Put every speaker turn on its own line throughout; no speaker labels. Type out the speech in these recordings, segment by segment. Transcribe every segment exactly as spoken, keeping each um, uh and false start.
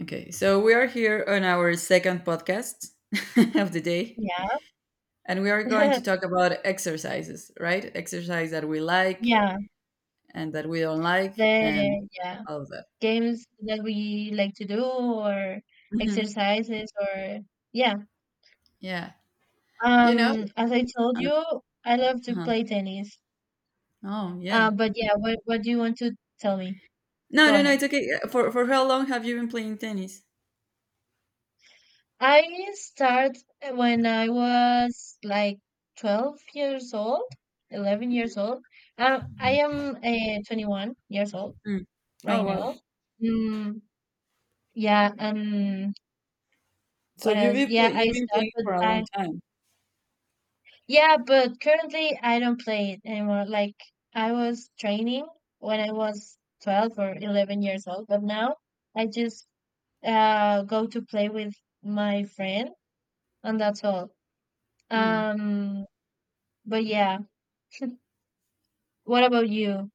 Okay, so we are here on our second podcast of the day,
Yeah.
and we are going to talk about exercises, right? Exercise that we like
Yeah.
and that we don't like, and
The yeah,
all of that.
games that we like to do or
Hmm.
exercises or yeah.
Yeah, you know.
Um, as I told
Uh,
you, I love to
huh.
play tennis.
Oh,
Uh,
yeah.
but yeah, what what do you want to tell me?
No,
Go
no, no.
ahead.
It's okay. Yeah, For for how long have you been playing tennis?
I start when I was like twelve years old, eleven years old. Uh, I am uh, twenty-one years old
Mm.
right
Oh, wow.
now. Mm, yeah, and
So
what
you've
else?
been
Yeah,
play-
I
you've been
start,
playing
but
for a long
I
time.
yeah, but currently I don't play it anymore. Like I was training when I was twelve or eleven years old, but now I just uh go to play with my friend and that's all.
Mm.
Um, but yeah, what about you?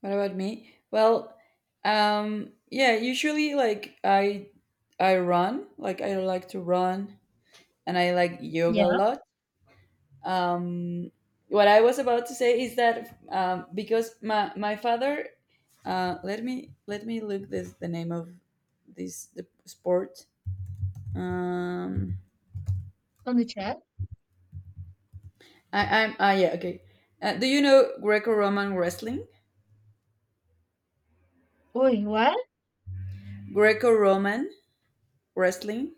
What about me? Well, um, yeah, usually like I I run, like I like to run and I like yoga a
Yeah,
lot. Um, what I was about to say is that um, because my my father uh, let me let me look this the name of this the sport. Um,
on the chat.
I, I'm ah yeah, okay. Uh, do you know Greco-Roman wrestling?
Wait, what?
Greco-Roman wrestling.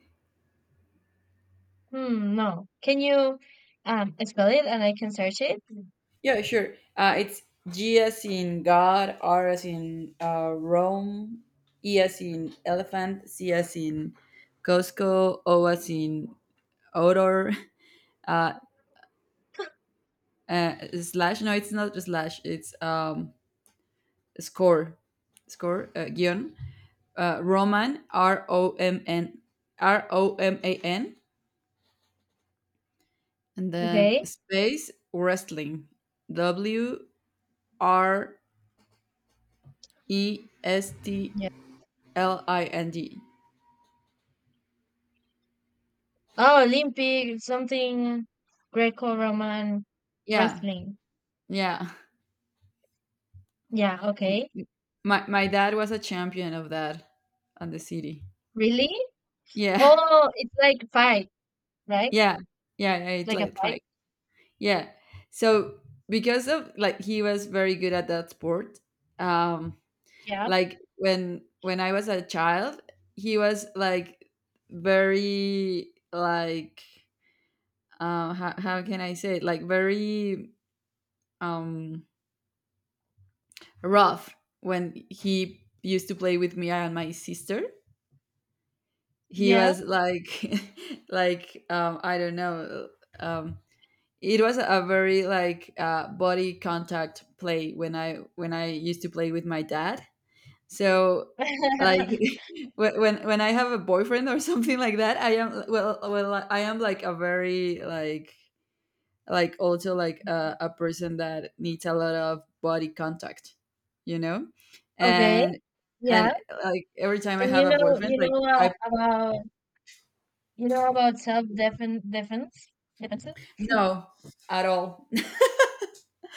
Hmm, no. Can you um spell it and I can search it?
Yeah, sure. Uh, it's G as in God, R as in uh, Rome, E as in elephant, C as in Costco, O as in odor. Uh, uh, slash, no, it's not slash, it's um, score, score, uh, guion. Uh, Roman, R O M N, R O M A N, and then
Okay.
space wrestling, W R E S T L I N D.
Oh, Olympic something Greco-Roman
Yeah,
wrestling.
yeah.
Yeah, okay.
My my dad was a champion of that on the city.
Really?
Yeah.
Oh, it's like fight, right?
Yeah. Yeah, yeah, it's
Like a
like
fight.
fight. Yeah. So because of like he was very good at that sport. Um
Yeah.
like when when I was a child, he was like very like uh, how, how can I say it? Like very um rough when he used to play with me and my sister, he
Yeah.
was like like um I don't know, um it was a very like uh body contact play when i when i used to play with my dad, so like when when when I have a boyfriend or something like that, I am, well well I am like a very like like also like a, a person that needs a lot of body contact you know
Okay.
and
Yeah.
and like every time I
And you
have a
know
boyfriend
you
like
know uh,
I.
about you know about self-defense defense? Defense?
No. At all.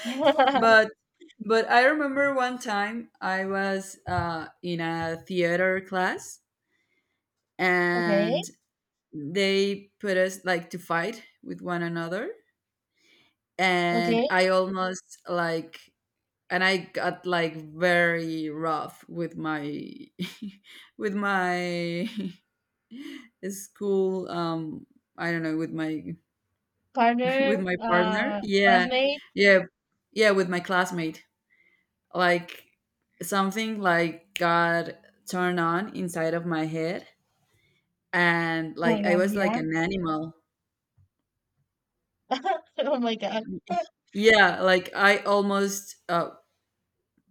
Defense?
But but I remember one time I was uh, in a theater class,
Okay.
and they put us like to fight with one another, and
Okay.
I almost like, and I got like very rough with my with my school, um I don't know, with my with
Partner,
my partner,
uh
yeah,
classmate.
yeah, yeah, with my classmate. Like something like got turned on inside of my head, and
Oh my
like I
god,
was like
yeah.
an animal.
Oh my god.
Yeah, like I almost uh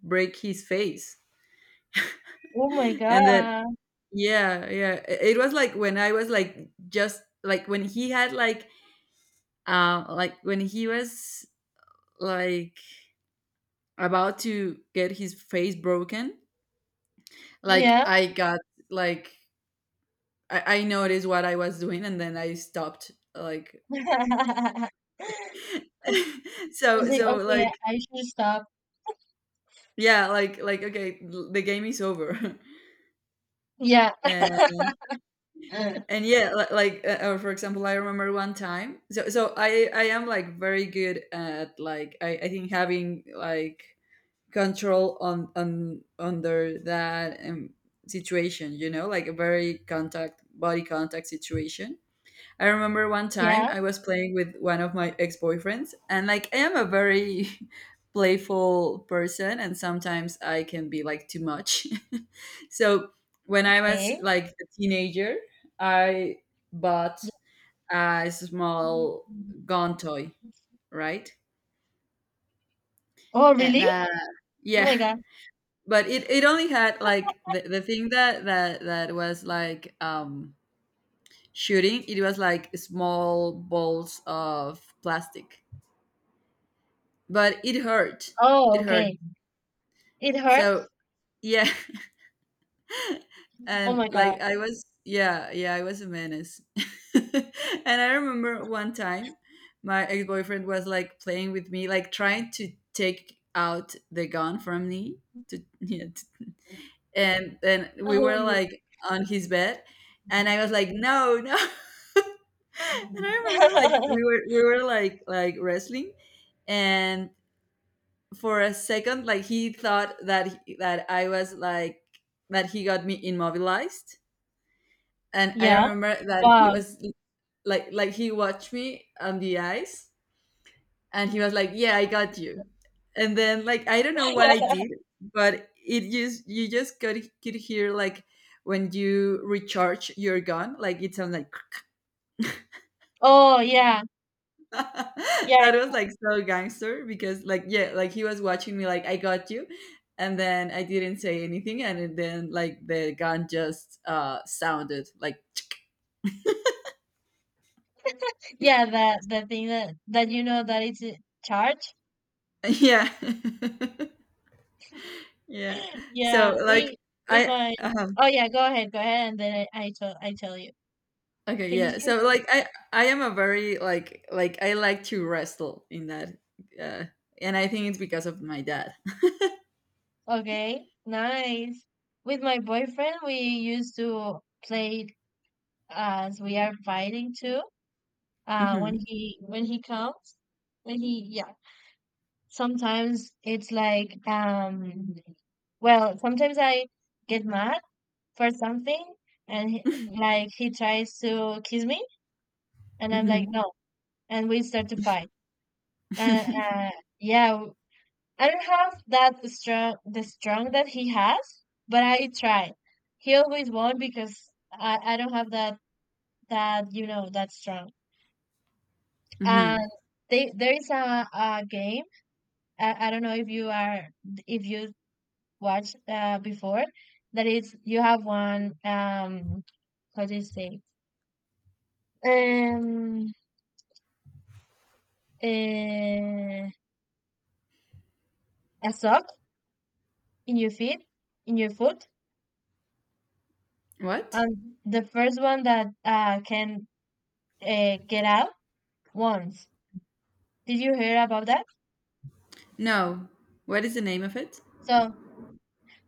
break his face.
Oh my
And then,
god.
yeah, yeah, i- it was like when I was like just like when he had like uh like when he was like about to get his face broken, like
Yeah.
I got like i, I noticed what I was doing and then I stopped, like.
Is
So
it
so,
okay?
like,
I should stop.
yeah, like like, okay, l the game is over.
Yeah.
And and yeah, li like, uh, or for example, I remember one time, so so I I am, like, very good at, like, I I think having, like, control on on under that, um, situation, you know, like a very contact body contact situation. I remember one time
Yeah.
I was playing with one of my ex boyfriends, and like I am a very playful person, and sometimes I can be like too much. So when I was
Okay.
like a teenager, I bought
Yeah.
a small gun toy, right?
Oh,
Uh,
really?
That,
Oh
yeah,
my God.
but it, it only had like the, the thing that that that was like um shooting. It was like small balls of plastic, but it hurt
Oh,
it hurt
okay. It
so
hurts?
yeah.
Oh
And
my God.
like I was, yeah, yeah, I was a menace. And I remember one time my ex-boyfriend was like playing with me, like trying to take out the gun from me to yeah, to, and then we were
Oh,
like on his bed, and I was like no, no. And I remember like we were we were like like wrestling, and for a second like he thought that that I was like that he got me immobilized, and I
yeah.
remember that he
Wow.
was like like he watched me on the eyes, and he was like yeah, I got you. And then like I don't know what I did, but it just, you just could could hear like when you recharge your gun like it sounds like.
Oh, yeah. Yeah.
That was like so gangster because like yeah, like he was watching me like I got you. And then I didn't say anything, and it- then like the gun just uh sounded like.
Yeah, that the thing that that you know that it's a charge.
Yeah. Yeah, so
Yeah,
like
we with
I,
my
uh
Oh yeah, go ahead, go ahead, and then I, I tell I tell you.
okay,
Finish.
yeah, so like i i am a very like like I like to wrestle in that, uh and I think it's because of my dad.
Okay, nice. With my boyfriend, we used to play it as we are fighting too. Uh, when
Hmm.
he when he comes, when he yeah. Sometimes it's like um. Well, sometimes I get mad for something, and he, like he tries to kiss me, and I'm like
Hmm.
no, and we start to fight. And uh, yeah, I don't have that the strong the strong that he has, but I try. He always won because I, I don't have that that you know that strong.
Hmm.
And they there is a, a game I, I don't know if you are if you watched uh, before, that is you have one um how do you say um uh, a sock in your feet, in your foot,
What?
and the first one that uh, can uh, get out once. Did you hear about that?
No, what is the name of it?
So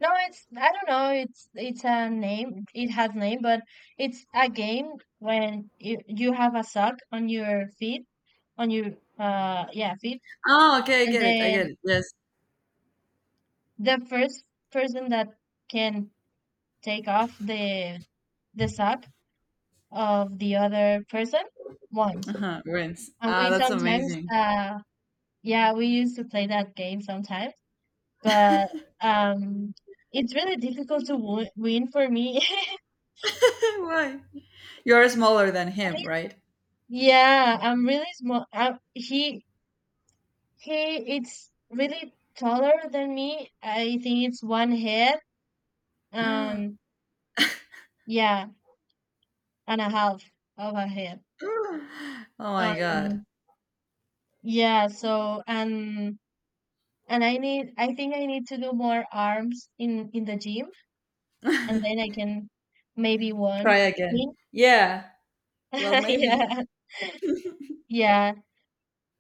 no, it's I don't know. It's it's a name. It has name, but it's a game when you you have a sock on your feet, on your uh yeah feet,
Oh, okay, I
and
get it. I get
then
it. Yes.
the first person that can take off the the sock of the other person wins.
Uh-huh. Wins.
And we
Ah, that's
sometimes
amazing.
uh yeah we used to play that game sometimes, but um it's really difficult to wo- win for me.
Why? You're smaller than him, right?
Yeah, I'm really small. I, he he it's really taller than me. I think it's one head
Oh
and yeah and a half of a head.
my god.
um yeah, so and and I need I think I need to do more arms in in the gym, and then I can maybe one
Try again.
win.
Yeah. Well, maybe.
Yeah, yeah.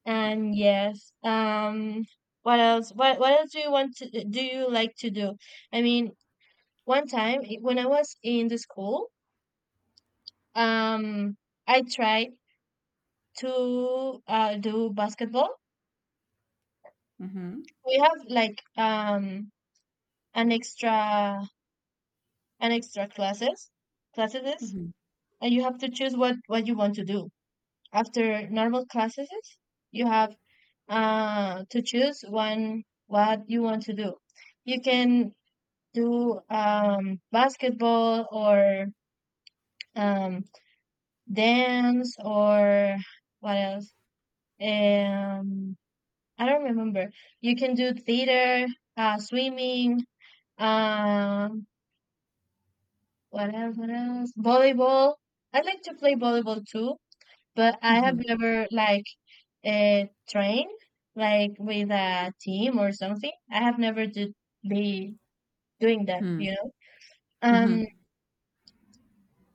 And yes, um, what else? What what else do you want to do? You like to do? I mean, one time i- when I was in the school, um, I tried to uh, do basketball.
Mm-hmm.
We have like um an extra an extra classes classes,
Mm-hmm.
and you have to choose what what you want to do. After normal classes, you have uh to choose one what you want to do. You can do um basketball or um dance or what else? Um, I don't remember. You can do theater, uh swimming, um what else, what else? Volleyball. I like to play volleyball too, but I have
Mm-hmm.
never like uh trained like with a team or something. I have never did be doing that,
Mm-hmm.
you know. Um,
Mm-hmm.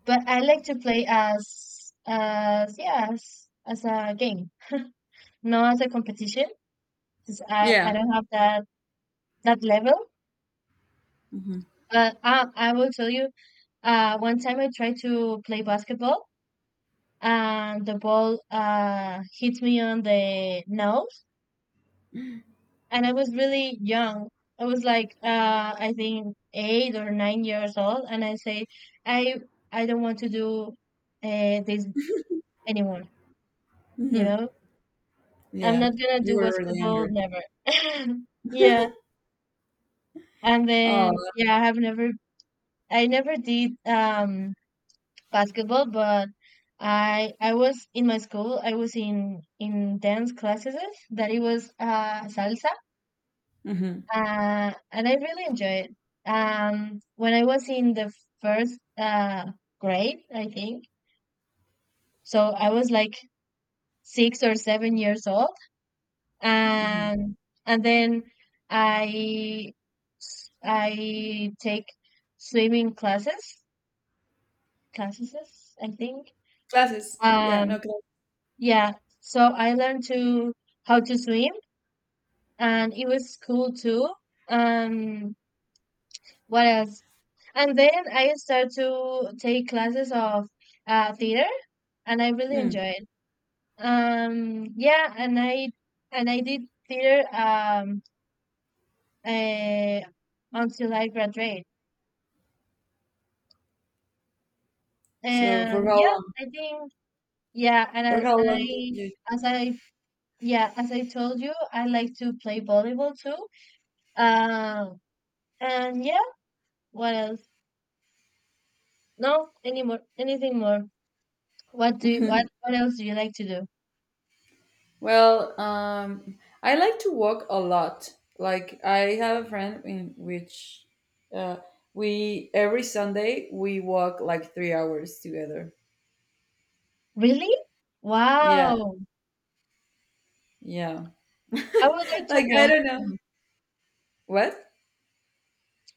but I like to play as as yeah as, as a game, not as a competition, because I, I
Yeah.
don't have that that level.
Mm-hmm.
But I I will tell you, uh, one time I tried to play basketball and the ball uh hit me on the nose, and I was really young. I was like uh I think eight or nine years old, and I say I I don't want to do uh, this anymore. You
Mm-hmm.
know, I'm
Yeah.
not gonna
You
do
were really
basketball,
hungry.
never. Yeah. And
Oh.
then yeah, I have never, I never did um basketball. But I I was in my school, I was in in dance classes that it was uh salsa.
Mm-hmm.
Uh and I really enjoy it. Um, when I was in the first uh grade, I think. So I was like six or seven years old.
Mm-hmm.
and and then I I take swimming classes classes I think,
Classes. Yeah.
um,
No class.
yeah, so I learned to how to swim, and it was cool too. Um, what else, and then I started to take classes of uh, theater, and I really
Mm.
enjoyed. Um, yeah, and I and I did theater um uh, until I graduate.
So for
And
how
yeah,
long?
I think yeah, and I,
For how long did
and
you?
I as I yeah, as I told you, I like to play volleyball too. Um, and yeah, what else? No, anymore, anything more? What do you, what what else do you like to do?
Well, um, I like to walk a lot. Like I have a friend in which uh, we every Sunday we walk like three hours together.
Really?
Yeah,
Wow,
yeah.
I would like to
Like I
walk
don't know
too.
what.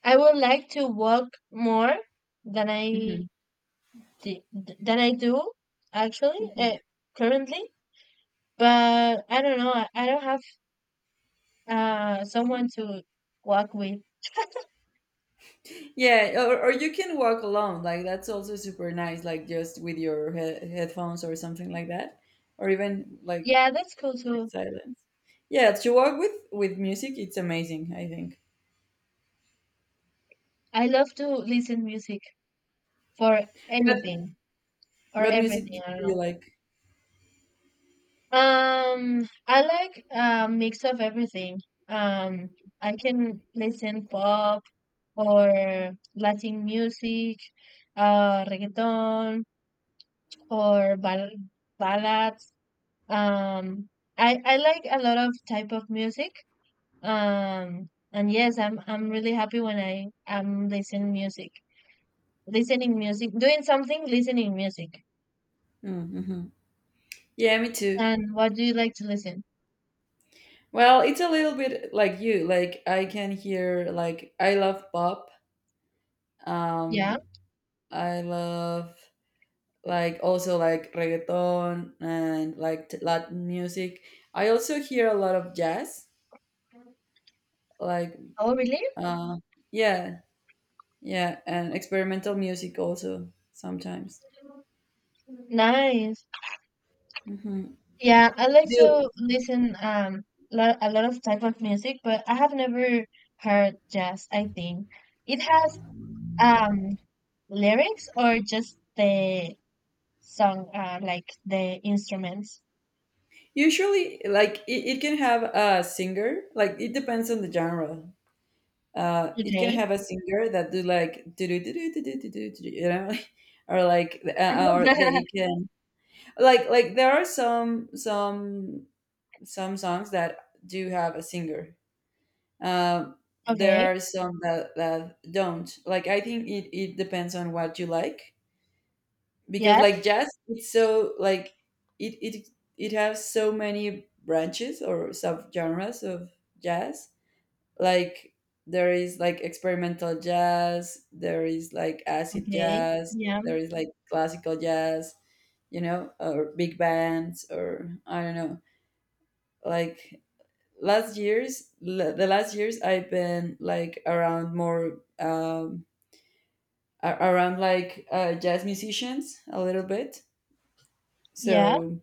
I would like to walk more than I I
Mhm.
d- than I do actually
Mhm.
uh, currently. But I don't know. I I don't have uh someone to walk with.
Yeah, or, or you can walk alone. Like that's also super nice. Like just with your he- headphones or something like that, or even like
Yeah, that's cool too.
silence. Yeah, to walk with with music, it's amazing. I think.
I love to listen music for
What
anything or
what music
everything.
do
I don't
you
know.
like?
Um, I like a mix of everything. Um, I can listen pop or Latin music, uh, reggaeton or ball ballads. Um, I I like a lot of type of music. Um, and yes, I'm I'm really happy when I am listening music, listening music, doing something, listening music.
Mm-hmm. Yeah, me too.
And what do you like to listen?
Well, it's a little bit like you. Like I can hear like I love pop.
Yeah.
Um, I love like also like reggaeton and like t- Latin music. I also hear a lot of jazz. Like
Oh, really?
uh, yeah, yeah, and experimental music also sometimes.
Nice.
Mm-hmm.
Yeah, I like
Do
to listen um lo a lot of type of music, but I have never heard jazz, I think. It has um lyrics or just the song uh like the instruments.
usually like it, it can have a singer. Like it depends on the genre. Uh, it can
Okay.
have a singer that do like do do do do do do do do, do, you know, or like uh, or they can like like there are some some some songs that do have a singer. Um,
Okay.
there are some that that don't. Like I think it it depends on what you like, because
Yes.
like jazz, it's so like it it it has so many branches or sub genres of jazz, like there is like experimental jazz, there is like acid
Okay.
jazz,
Yeah.
there is like classical jazz, you know, or big bands, or I don't know, like last years l- the last years I've been like around more, um a- around like uh, jazz musicians a little bit,
Yeah.
so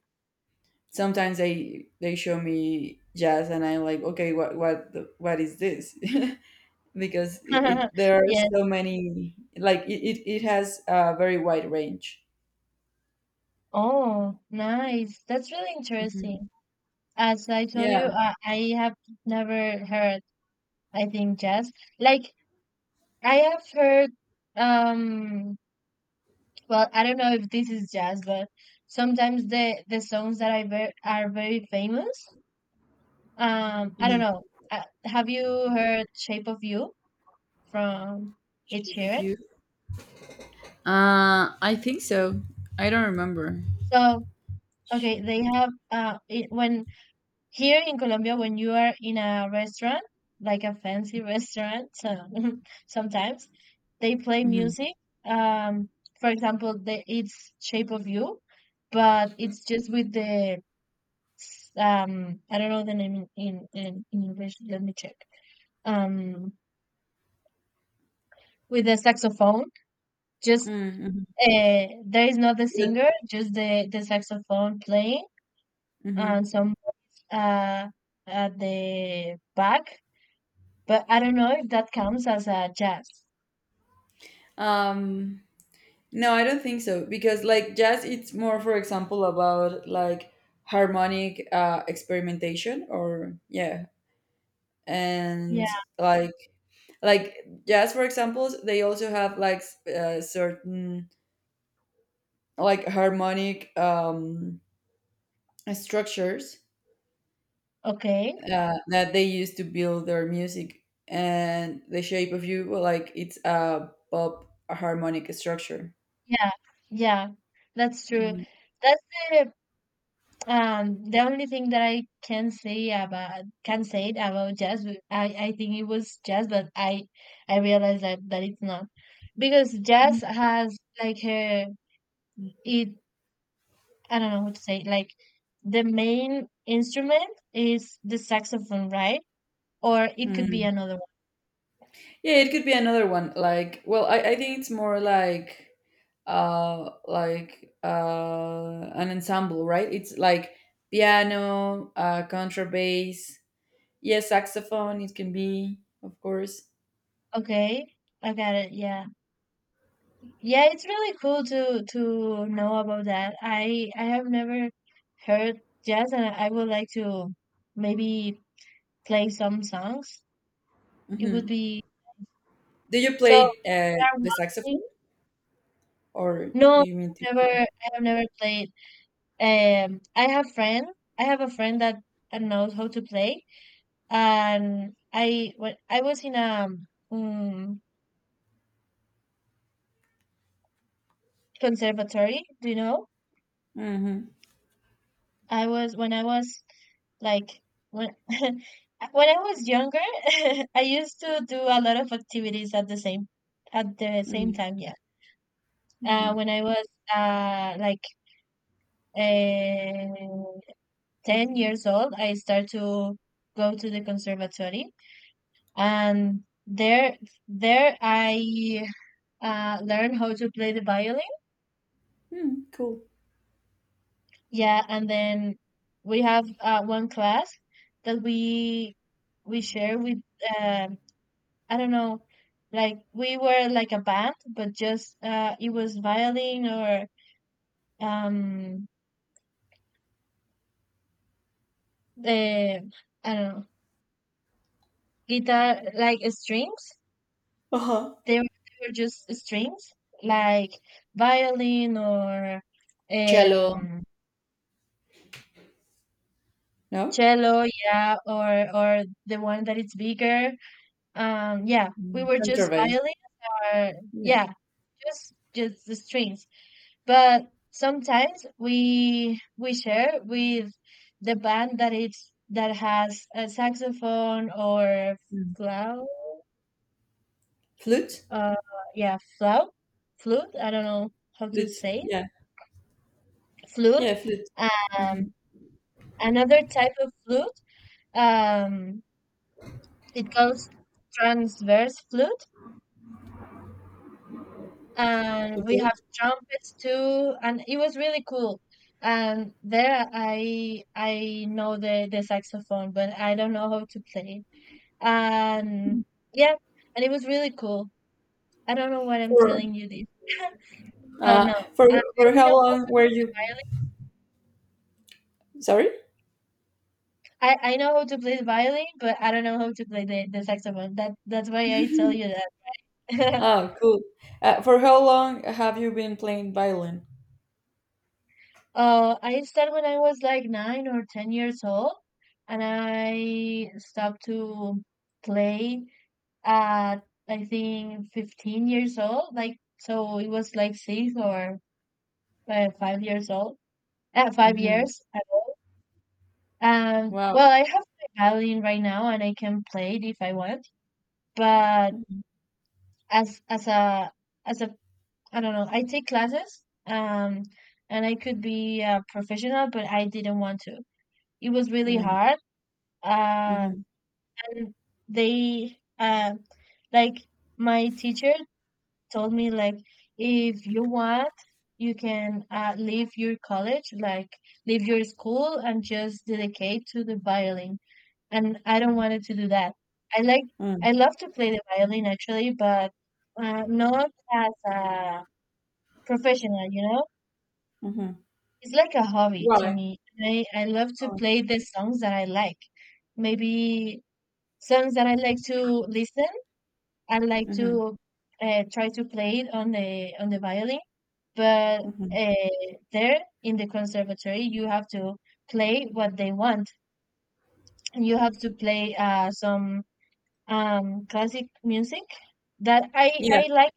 sometimes they they show me jazz and I'm like okay, what what the, what is this. Because it, it, there are
Yes.
so many, like it, it, it has a very wide range.
Oh, nice. That's really
Mhm.
interesting. As I told you,
Yeah.
uh, I have never heard, I think, jazz. Like, I have heard, um, well, I don't know if this is jazz, but sometimes the the songs that I ver are very famous. Um, I don't
Mhm.
know. Uh, have you heard Shape of You from Ed
Shape of
Sheeran?
You. Uh, I think so. I don't remember.
So, okay,
Shape
they
of You.
have uh it, when here in Colombia, when you are in a restaurant, like a fancy restaurant, so sometimes they play
Mhm.
music. Um, for example, the, it's Shape of You, but it's just with the s- um, I don't know the name in, in, in in English. Let me check. Um, with the saxophone, just
Mm, mhm.
uh, there is not the singer, just the the saxophone playing
Mhm.
and some uh at the back. But I don't know if that counts as a jazz.
Um, no, I don't think so, because like jazz, it's more, for example, about like harmonic uh, experimentation, or yeah, and
Yeah.
like like jazz, for example, they also have like s- uh, certain like harmonic um, structures
Okay.
uh, that they use to build their music, and the Shape of You, well, like it's a pop harmonic structure.
Yeah. Yeah. That's true.
Mhm.
That's the um the only thing that I can say about can say it about jazz. But I I think it was jazz, but I I realized that that it's not, because jazz has like a it I don't know how to say it, like the main instrument is the saxophone, right? Or it could be
Mm.
another one.
Yeah, it could be another one, like well, i, I think it's more like uh like uh an ensemble, right? It's like piano, uh contrabass, yeah, saxophone, it can be, of course.
Okay, I got it. Yeah. Yeah, it's really cool to to know about that. I I have never heard jazz, and I would like to maybe play some songs. It would
Hmm.
be
Do you
so.
play
you
uh
are
the
walking-
saxophone? Or
No,
do you mean to
I have never.
hear?
I have never played. Um, I have friend. I have a friend that that knows how to play, and I when I was in a um, mm, conservatory. Do you know?
Mm-hmm.
I was When I was like when when I was younger, I used to do a lot of activities at the same at the same
Mm-hmm.
time. Yeah.
Mm-hmm.
Uh,
Mm.
when I was uh like uh, ten years old, I started to go to the conservatory, and there there I uh learned how to play the violin.
Cool.
Yeah, and then we have uh, one class that we we share with uh, I don't know, like we were like a band, but just uh, it was violin or um the I don't know guitar, like strings.
Uh-huh.
They were, they were just strings like violin or
Cello.
um
No?
cello, yeah, or or the one that it's bigger. Um, yeah, we
Mm.
were just
Contrabass.
violin or
Yeah.
yeah, just just the strings. But sometimes we we share with the band that it's that has a saxophone or
Mm.
flute,
Flute?
uh yeah flute flute I don't know how to
Flute.
say
Yeah.
it. Flute.
Yeah, flute. Mm-hmm.
um Another type of flute. um it goes transverse flute. And we
Okay.
have trumpets too, and it was really cool. And there, i i know the the saxophone, but I don't know how to play it. And yeah, and it was really cool. I don't know why I'm
For
telling you this. But
uh
no,
for
i I
for how
know how
long were
to
you?
violin.
Sorry?
I i know how to play the violin, but I don't know how to play the, the saxophone. That that's why I tell you that.
Oh, cool. Uh, for how long have you been playing violin?
Uh, I started when I was like nine or ten years old, and I stopped to play at I think fifteen years old. Like so, it was like six or uh, five years old. At uh, five
Mm-hmm.
years, um.
Wow.
Well, I have my violin right now, and I can play it if I want. But
Mm-hmm.
as as a as a I don't know. I take classes, um, and I could be a professional, but I didn't want to. It was really hard. uh,
Mm-hmm.
and they, uh, like, my teacher told me like, if you want, you can uh, leave your college, like leave your school and just dedicate to the violin. And I don't wanted to do that. i like
Mm-hmm.
I love to play the violin actually, but uh, not as a professional, you know.
Mm-hmm.
It's like a hobby to
Why?
me. I, I love to play the songs that I like. Maybe songs that I like to listen. I like
Mm-hmm.
to uh, try to play it on the on the violin. But
Mm-hmm.
uh, there in the conservatory, you have to play what they want. You have to play uh, some um, classic music that I
Yeah.
I like,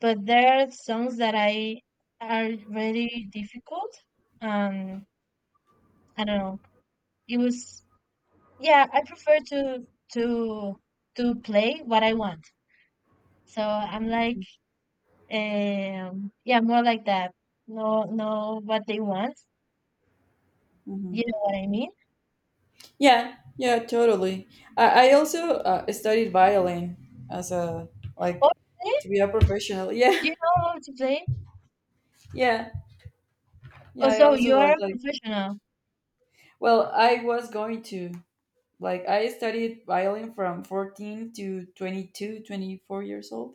but there are songs that I are really difficult. Um, I don't know. It was, yeah. I prefer to to to play what I want. So I'm like. Um, yeah, more like that. Know know what they want.
Mm-hmm.
You know what I mean?
Yeah, yeah, totally. I, I also uh, studied violin as a,
Oh,
like,
really?
to be a professional. Yeah,
Do you know how to play?
yeah,
Oh,
yeah. I
so
also
you are
was
a
like,
professional.
well, I was going to, like, I studied violin from fourteen to twenty two, twenty four years old.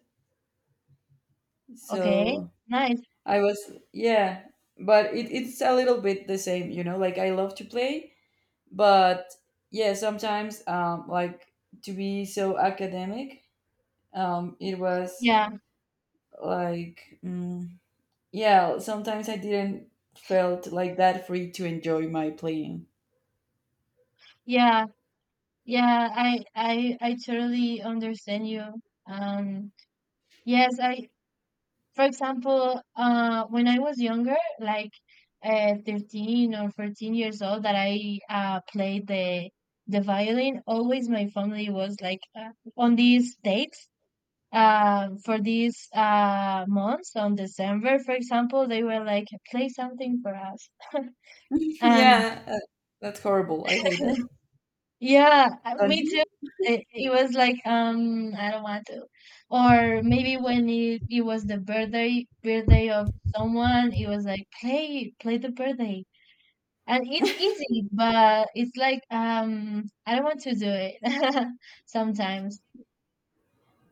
Okay,
So
nice.
I was, yeah, but it, it's a little bit the same, you know. Like I love to play, but yeah, sometimes um like to be so academic, um it was
Yeah,
like, mm, yeah, sometimes I didn't felt like that free to enjoy my playing.
yeah, yeah, I I I totally understand you. Um, yes, I. For example, uh, when I was younger, like uh, thirteen or fourteen years old, that I uh played the the violin. Always, my family was like, uh, on these dates, uh, for these uh, months on December, for example, they were like, play something for us. And
Yeah, uh, that's horrible. I hate that.
yeah, uh,
Don't
me
you?
too. It, it was like, um, I don't want to. Or maybe when it, it was the birthday birthday of someone, it was like, play, play the birthday. And it's easy, but it's like, um, I don't want to do it sometimes.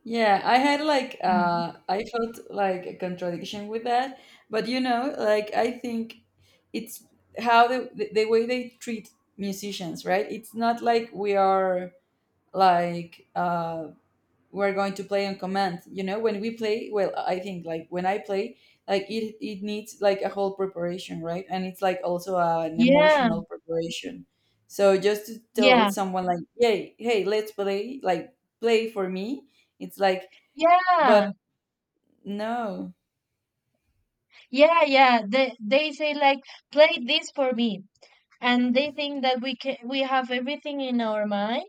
Yeah, i had like
You know?
uh I felt like a contradiction with that. But you know like, I think it's how the, the, the way they treat musicians, right? It's not like we are like uh we're going to play on command, you know when we play well, I think. Like when I play, like, it it needs, like, a whole preparation, right? And it's like also an
Yeah,
emotional preparation. So just to tell
yeah,
someone like, hey, hey, let's play, like, play for me. It's like,
yeah.
but no.
Yeah, yeah. They they say like, play this for me, and they think that we can we have everything in our mind,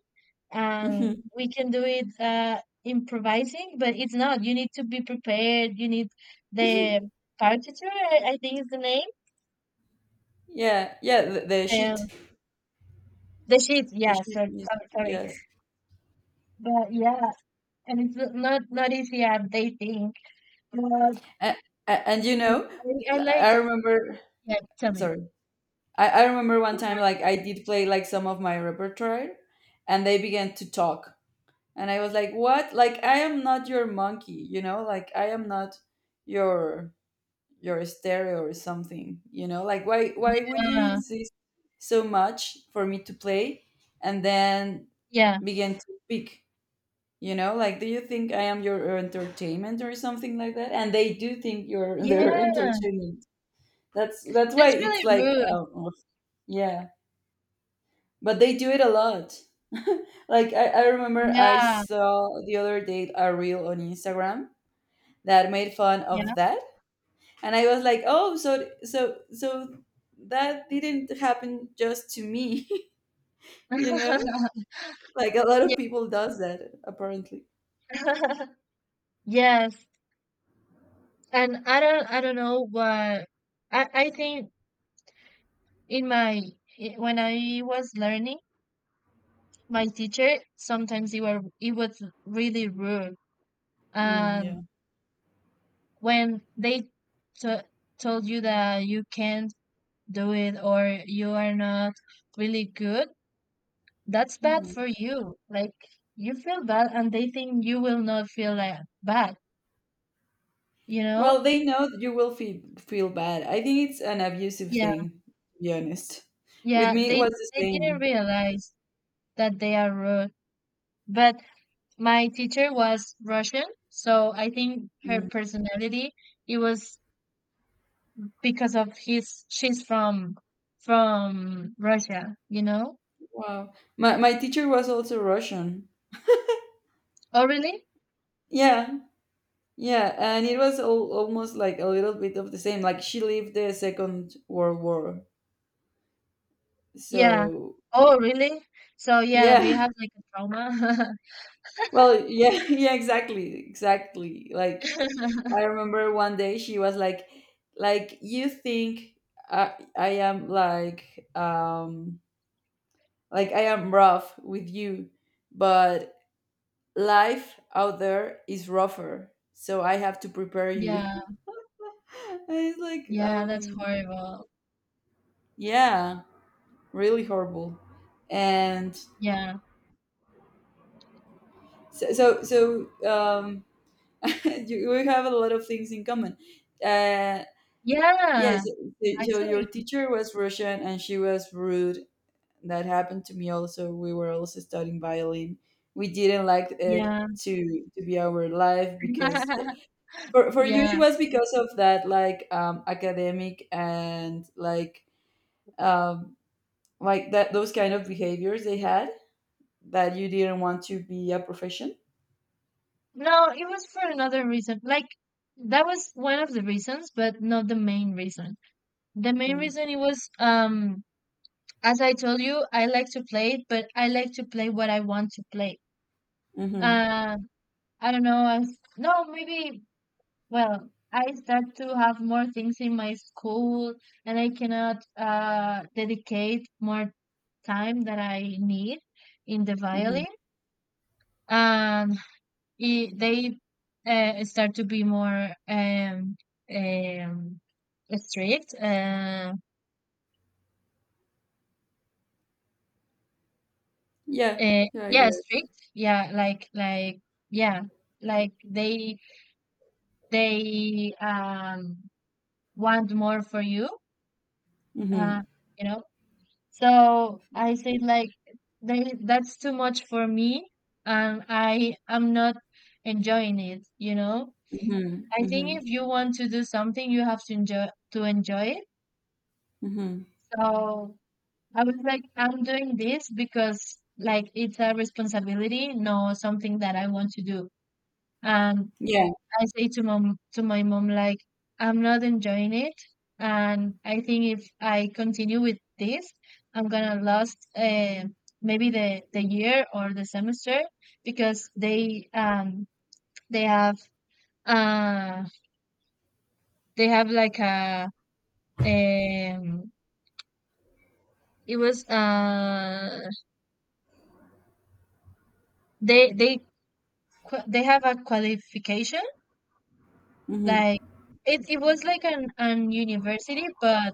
and
Mhm.
we can do it, uh, improvising, but it's not. You need to be prepared. You need the partiture. I, I think is the name.
Yeah, yeah, the, the sheet
Um, the sheet.
the
Yeah.
sheet
So
music,
sorry, sorry.
yes.
But yeah, and it's not not easy as they think. But
And, and you
I,
know
I like.
I remember
Yeah. Tell me.
sorry, I, I remember one time, like, I did play like some of my repertoire, and they began to talk. And I was like, what? Like I am not your monkey, you know? Like I am not your your stereo or something, you know? Like why why would you
Yeah.
insist so much for me to play and then
Yeah.
begin to speak? You know, like, do you think I am your entertainment or something like that? And they do think you're their
Yeah.
entertainment. That's that's why
That's
it's
really
like,
rude.
um, yeah. But they do it a lot. Like, I, I remember I
Yeah,
saw the other day a reel on Instagram that made fun
yeah.
of that. And I was like, oh, so so so that didn't happen just to me, you know? Like a lot
Yeah.
of people does that apparently.
Yes, and I don't I don't know, but I I think in my i- when I was learning, my teacher sometimes he were he was really rude.
Mm,
And
yeah.
when they t told you that you can't do it or you are not really good, that's bad
Mhm.
for you. Like, you feel bad, and they think you will not feel like bad, you
Well,
know?
they know that you will feel feel bad. I think it's an abusive
Yeah.
thing, to be honest. With
Yeah,
me, it
they
was the
they didn't
same.
realize that they are rude. But my teacher was Russian, so I think her
Mm.
personality, it was because of his, she's from from Russia, you know?
Wow. My my teacher was also Russian.
Oh, really?
Yeah, yeah, and it was all, almost like a little bit of the same. Like she lived the Second World War,
Yeah.
so
Oh, really? So yeah, they
yeah.
have like a trauma.
Well, yeah, yeah, exactly, exactly. Like I remember one day she was like, like you think I, I am like, um, like I am rough with you, but life out there is rougher, so I have to prepare you.
Yeah.
And it's like,
Yeah, that's
um,
horrible.
yeah. Really horrible. And
Yeah.
so, so, so, um, you, we have a lot of things in common. Uh, yes,
Yeah,
so so your
actually.
teacher was Russian and she was rude. That happened to me also. We were also studying violin. We didn't like it
Yeah.
to to be our life, because for, for you,
Yeah.
it was because of that, like, um, academic, and like, um, like that those kind of behaviors they had, that you didn't want to be a profession.
No, it was for another reason. Like, that was one of the reasons, but not the main reason. The main
Hmm.
reason it was, um as I told you, I like to play it, but I like to play what I want to play.
Mhm.
Uh I don't know, I, no, maybe, well, I start to have more things in my school, and I cannot uh dedicate more time that I need in the
Mhm.
violin. Um i- they uh, start to be more um, um, strict. Uh,
Yeah.
uh,
Yeah, I
yeah,
guess.
strict. Yeah, like like yeah, like they they um, want more for you. Uh,
Mhm.
you know. So I say like, they, that's too much for me, and I am not enjoying it. You know.
Mhm.
I think
Mhm.
if you want to do something, you have to enjoy to enjoy it.
Mhm.
So I was like, I'm doing this because like it's a responsibility, no something that I want to do. And
Yeah.
I say to mom to my mom like, I'm not enjoying it, and I think if I continue with this, I'm gonna lose, uh, maybe the the year or the semester, because they um they have uh they have like a, um it was, uh they they qua- they have a qualification.
Mhm.
Like, it it was like an an university but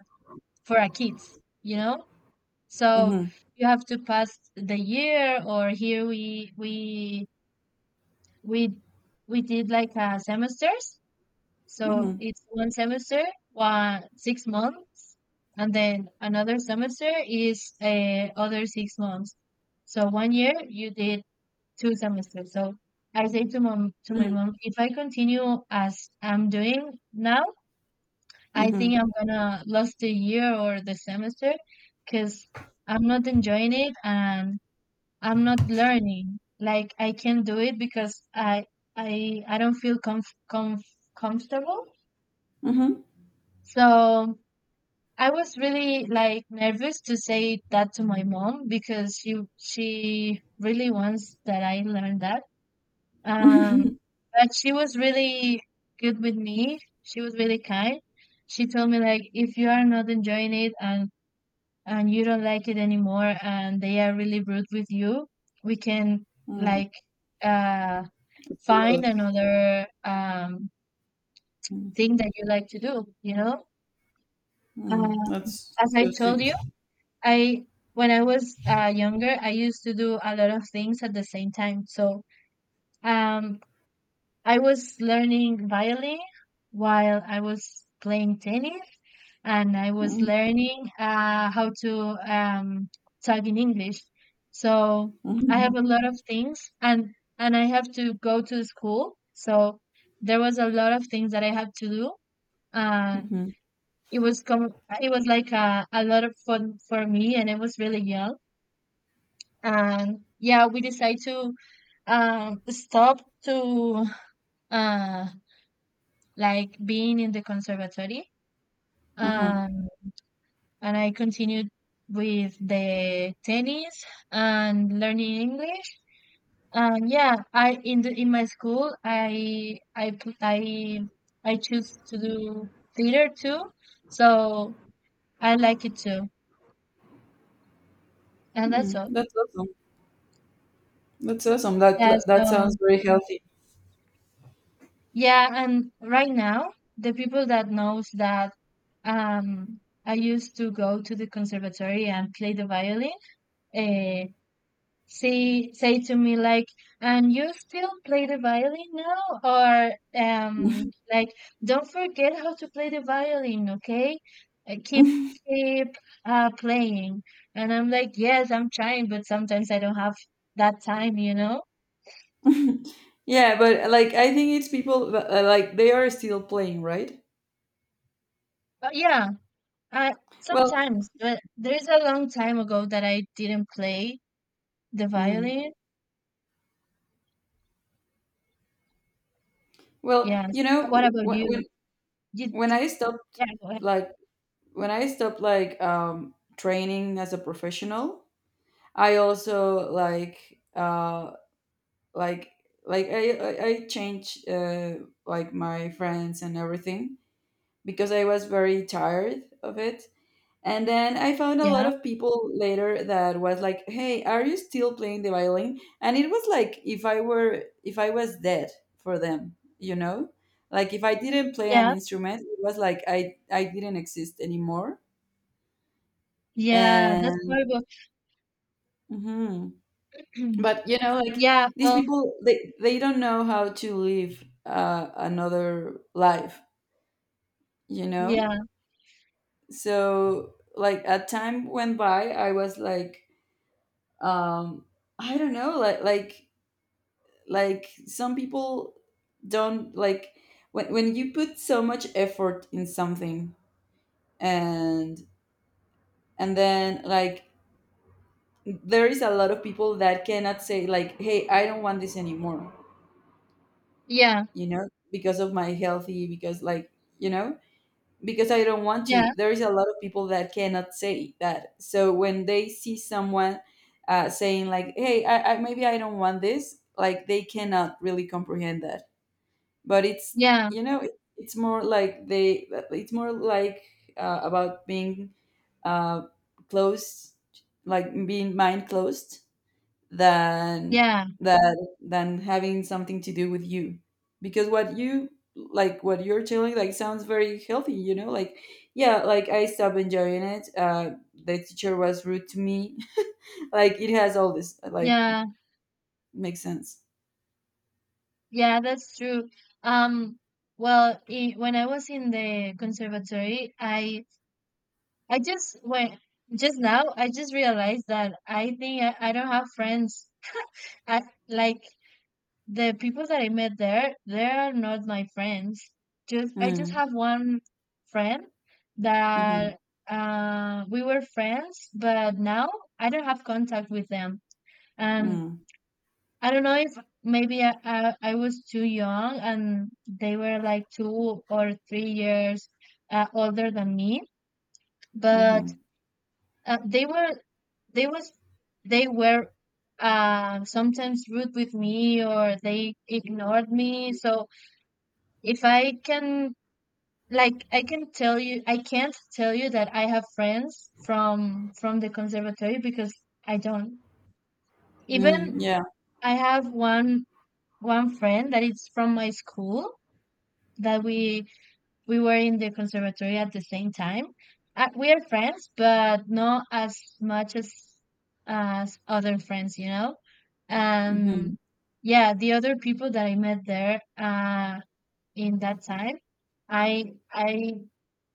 for a kids, you know? So
Mhm.
you have to pass the year, or here we we we we did like a semesters. So
Mhm.
it's one semester, one six months, and then another semester is, uh, other six months. So one year you did two semesters. So I say to mom to my
Mhm.
mom, if I continue as I'm doing now, I think
Mhm.
I'm gonna lose the year or the semester because I'm not enjoying it, and I'm not learning. Like, I can't do it because I I I don't feel comf- comf- comfortable.
Mhm. Mhm.
So I was really like nervous to say that to my mom because she she really wants that I learn that. Um, but she was really good with me. She was really kind. She told me like, if you are not enjoying it, and and you don't like it anymore, and they are really rude with you, we can,
Mm.
like, uh
It's so
find
good.
another um
Mm.
thing that you like to do, you know. uh,
Mm. That's
as I
so
told
sweet.
you, I when I was uh, younger, I used to do a lot of things at the same time. So um I was learning violin while I was playing tennis, and I was
Mm.
learning, uh, how to um, talk in English. So I
Mhm.
have a lot of things, and and I have to go to school. So there was a lot of things that I had to do. Uh,
Mhm.
it was com- it was like a, a lot of fun for me, and it was really young. And yeah, we decided to, um, stop to, uh, like, being in the conservatory.
Mhm.
Um, and I continued with the tennis and learning English. And yeah, I in the in my school I I pl- I I choose to do theater too, so I like it too, and that's
Mm.
all.
That's awesome. That's awesome. That
Yeah,
that sounds
so
very healthy.
yeah, and right now, the people that knows that um I used to go to the conservatory and play the violin, eh, say say to me like, and you still play the violin now, or um like, don't forget how to play the violin, okay. Uh, keep keep uh playing. And I'm like, yes, I'm trying, but sometimes I don't have that time, you know.
Yeah, but like I think it's people that, uh, like, they are still playing, right?
But yeah, I
Well.
sometimes. But there's a long time ago that I didn't play the
Mhm.
violin.
Well,
Yes.
you know,
What about
wh-
you?
when
You
when
did,
I stopped,
yeah, go ahead.
like, when I stopped like um, training as a professional, I also like, uh, like like I I I changed, uh, like, my friends and everything, because I was very tired of it. And then I found a lot
Yeah,
of people later that was like, "Hey, are you still playing the violin?" And it was like, if I were if I was dead for them, you know, like if I didn't play an
yeah,
instrument, it was like I I didn't exist anymore,
yeah, that's
and
horrible.
hmm But you know, like,
Yeah,
these
well,
people, they they don't know how to live, uh, another life. You know,
yeah,
so, like, a time went by. I was like, um, I don't know, like like like some people don't like when when you put so much effort in something, and and then, like, there is a lot of people that cannot say, like, hey, I don't want this anymore,
yeah,
you know, because of my healthy, because, like, you know, because I don't want to.
yeah,
There is a lot of people that cannot say that. So when they see someone, uh, saying like, hey, I, I, maybe I don't want this, like, they cannot really comprehend that. But it's,
yeah,
you know, it, it's more like, they, it's more like, uh, about being, uh, closed, like being mind closed, than
yeah,
that than having something to do with you, because what you like, what you're telling, like, sounds very healthy, you know like, yeah, like, I stopped enjoying it, uh the teacher was rude to me. Like, it has all this, like, it
yeah,
makes sense.
yeah, that's true. Um, well, I when I was in the conservatory, I I just went just now, I just realized that I think I, I don't have friends. I Like, the people that I met there, they are not my friends. Just I just
Mm.
have one friend
Mm-hmm.
that, uh we were friends, but now I don't have contact with them. Um,
Mm.
I don't know if, maybe, I, I, I was too young, and they were like two or three years, uh, older than me, but
Mm-hmm.
uh, they were they was they were, uh, sometimes rude with me, or they ignored me. So, if I can like I can tell you I can't tell you that I have friends from from the conservatory, because I don't. Even,
Mm. Yeah.
I have one one friend that is from my school, that we we were in the conservatory at the same time. Uh, we are friends, but not as much as as other friends, you know.
Mm-hmm.
And yeah, the other people that I met there, uh, in that time, I I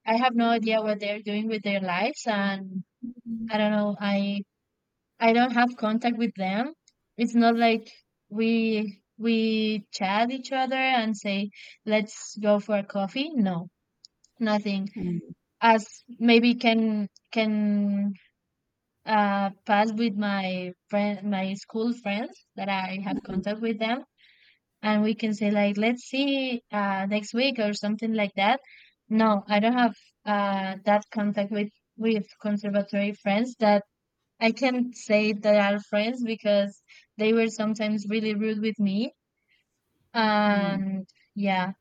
I have no idea what they're doing with their lives, and I don't know. I I don't have contact with them. It's not like we we chat each other and say, "Let's go for a coffee." No, nothing.
Mm.
As, maybe, can can uh pass with my friend my school friends that I have
Mm-hmm.
contact with them, and we can say like, let's see, uh next week or something like that. No, I don't have, uh that contact with with conservatory friends that I can say they are friends, because they were sometimes really rude with me.
Mm.
And yeah.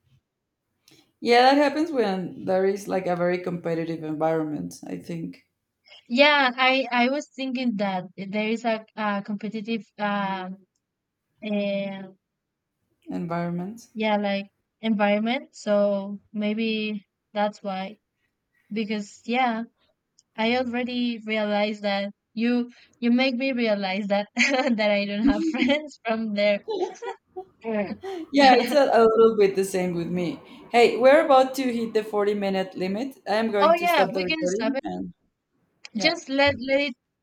Yeah, that happens when there is, like, a very competitive environment, I think.
Yeah, I I was thinking that there is a, a competitive, um and
Environment.
yeah, like, environment. So, maybe that's why. Because yeah, I already realized that, you you make me realize that, that I don't have friends from there. Oh,
Yeah, it's a, a little bit the same with me. Hey, we're about to hit the forty minute limit. I am going to
yeah,
stop the
we can stop
recording,
it.
and yeah.
Just let let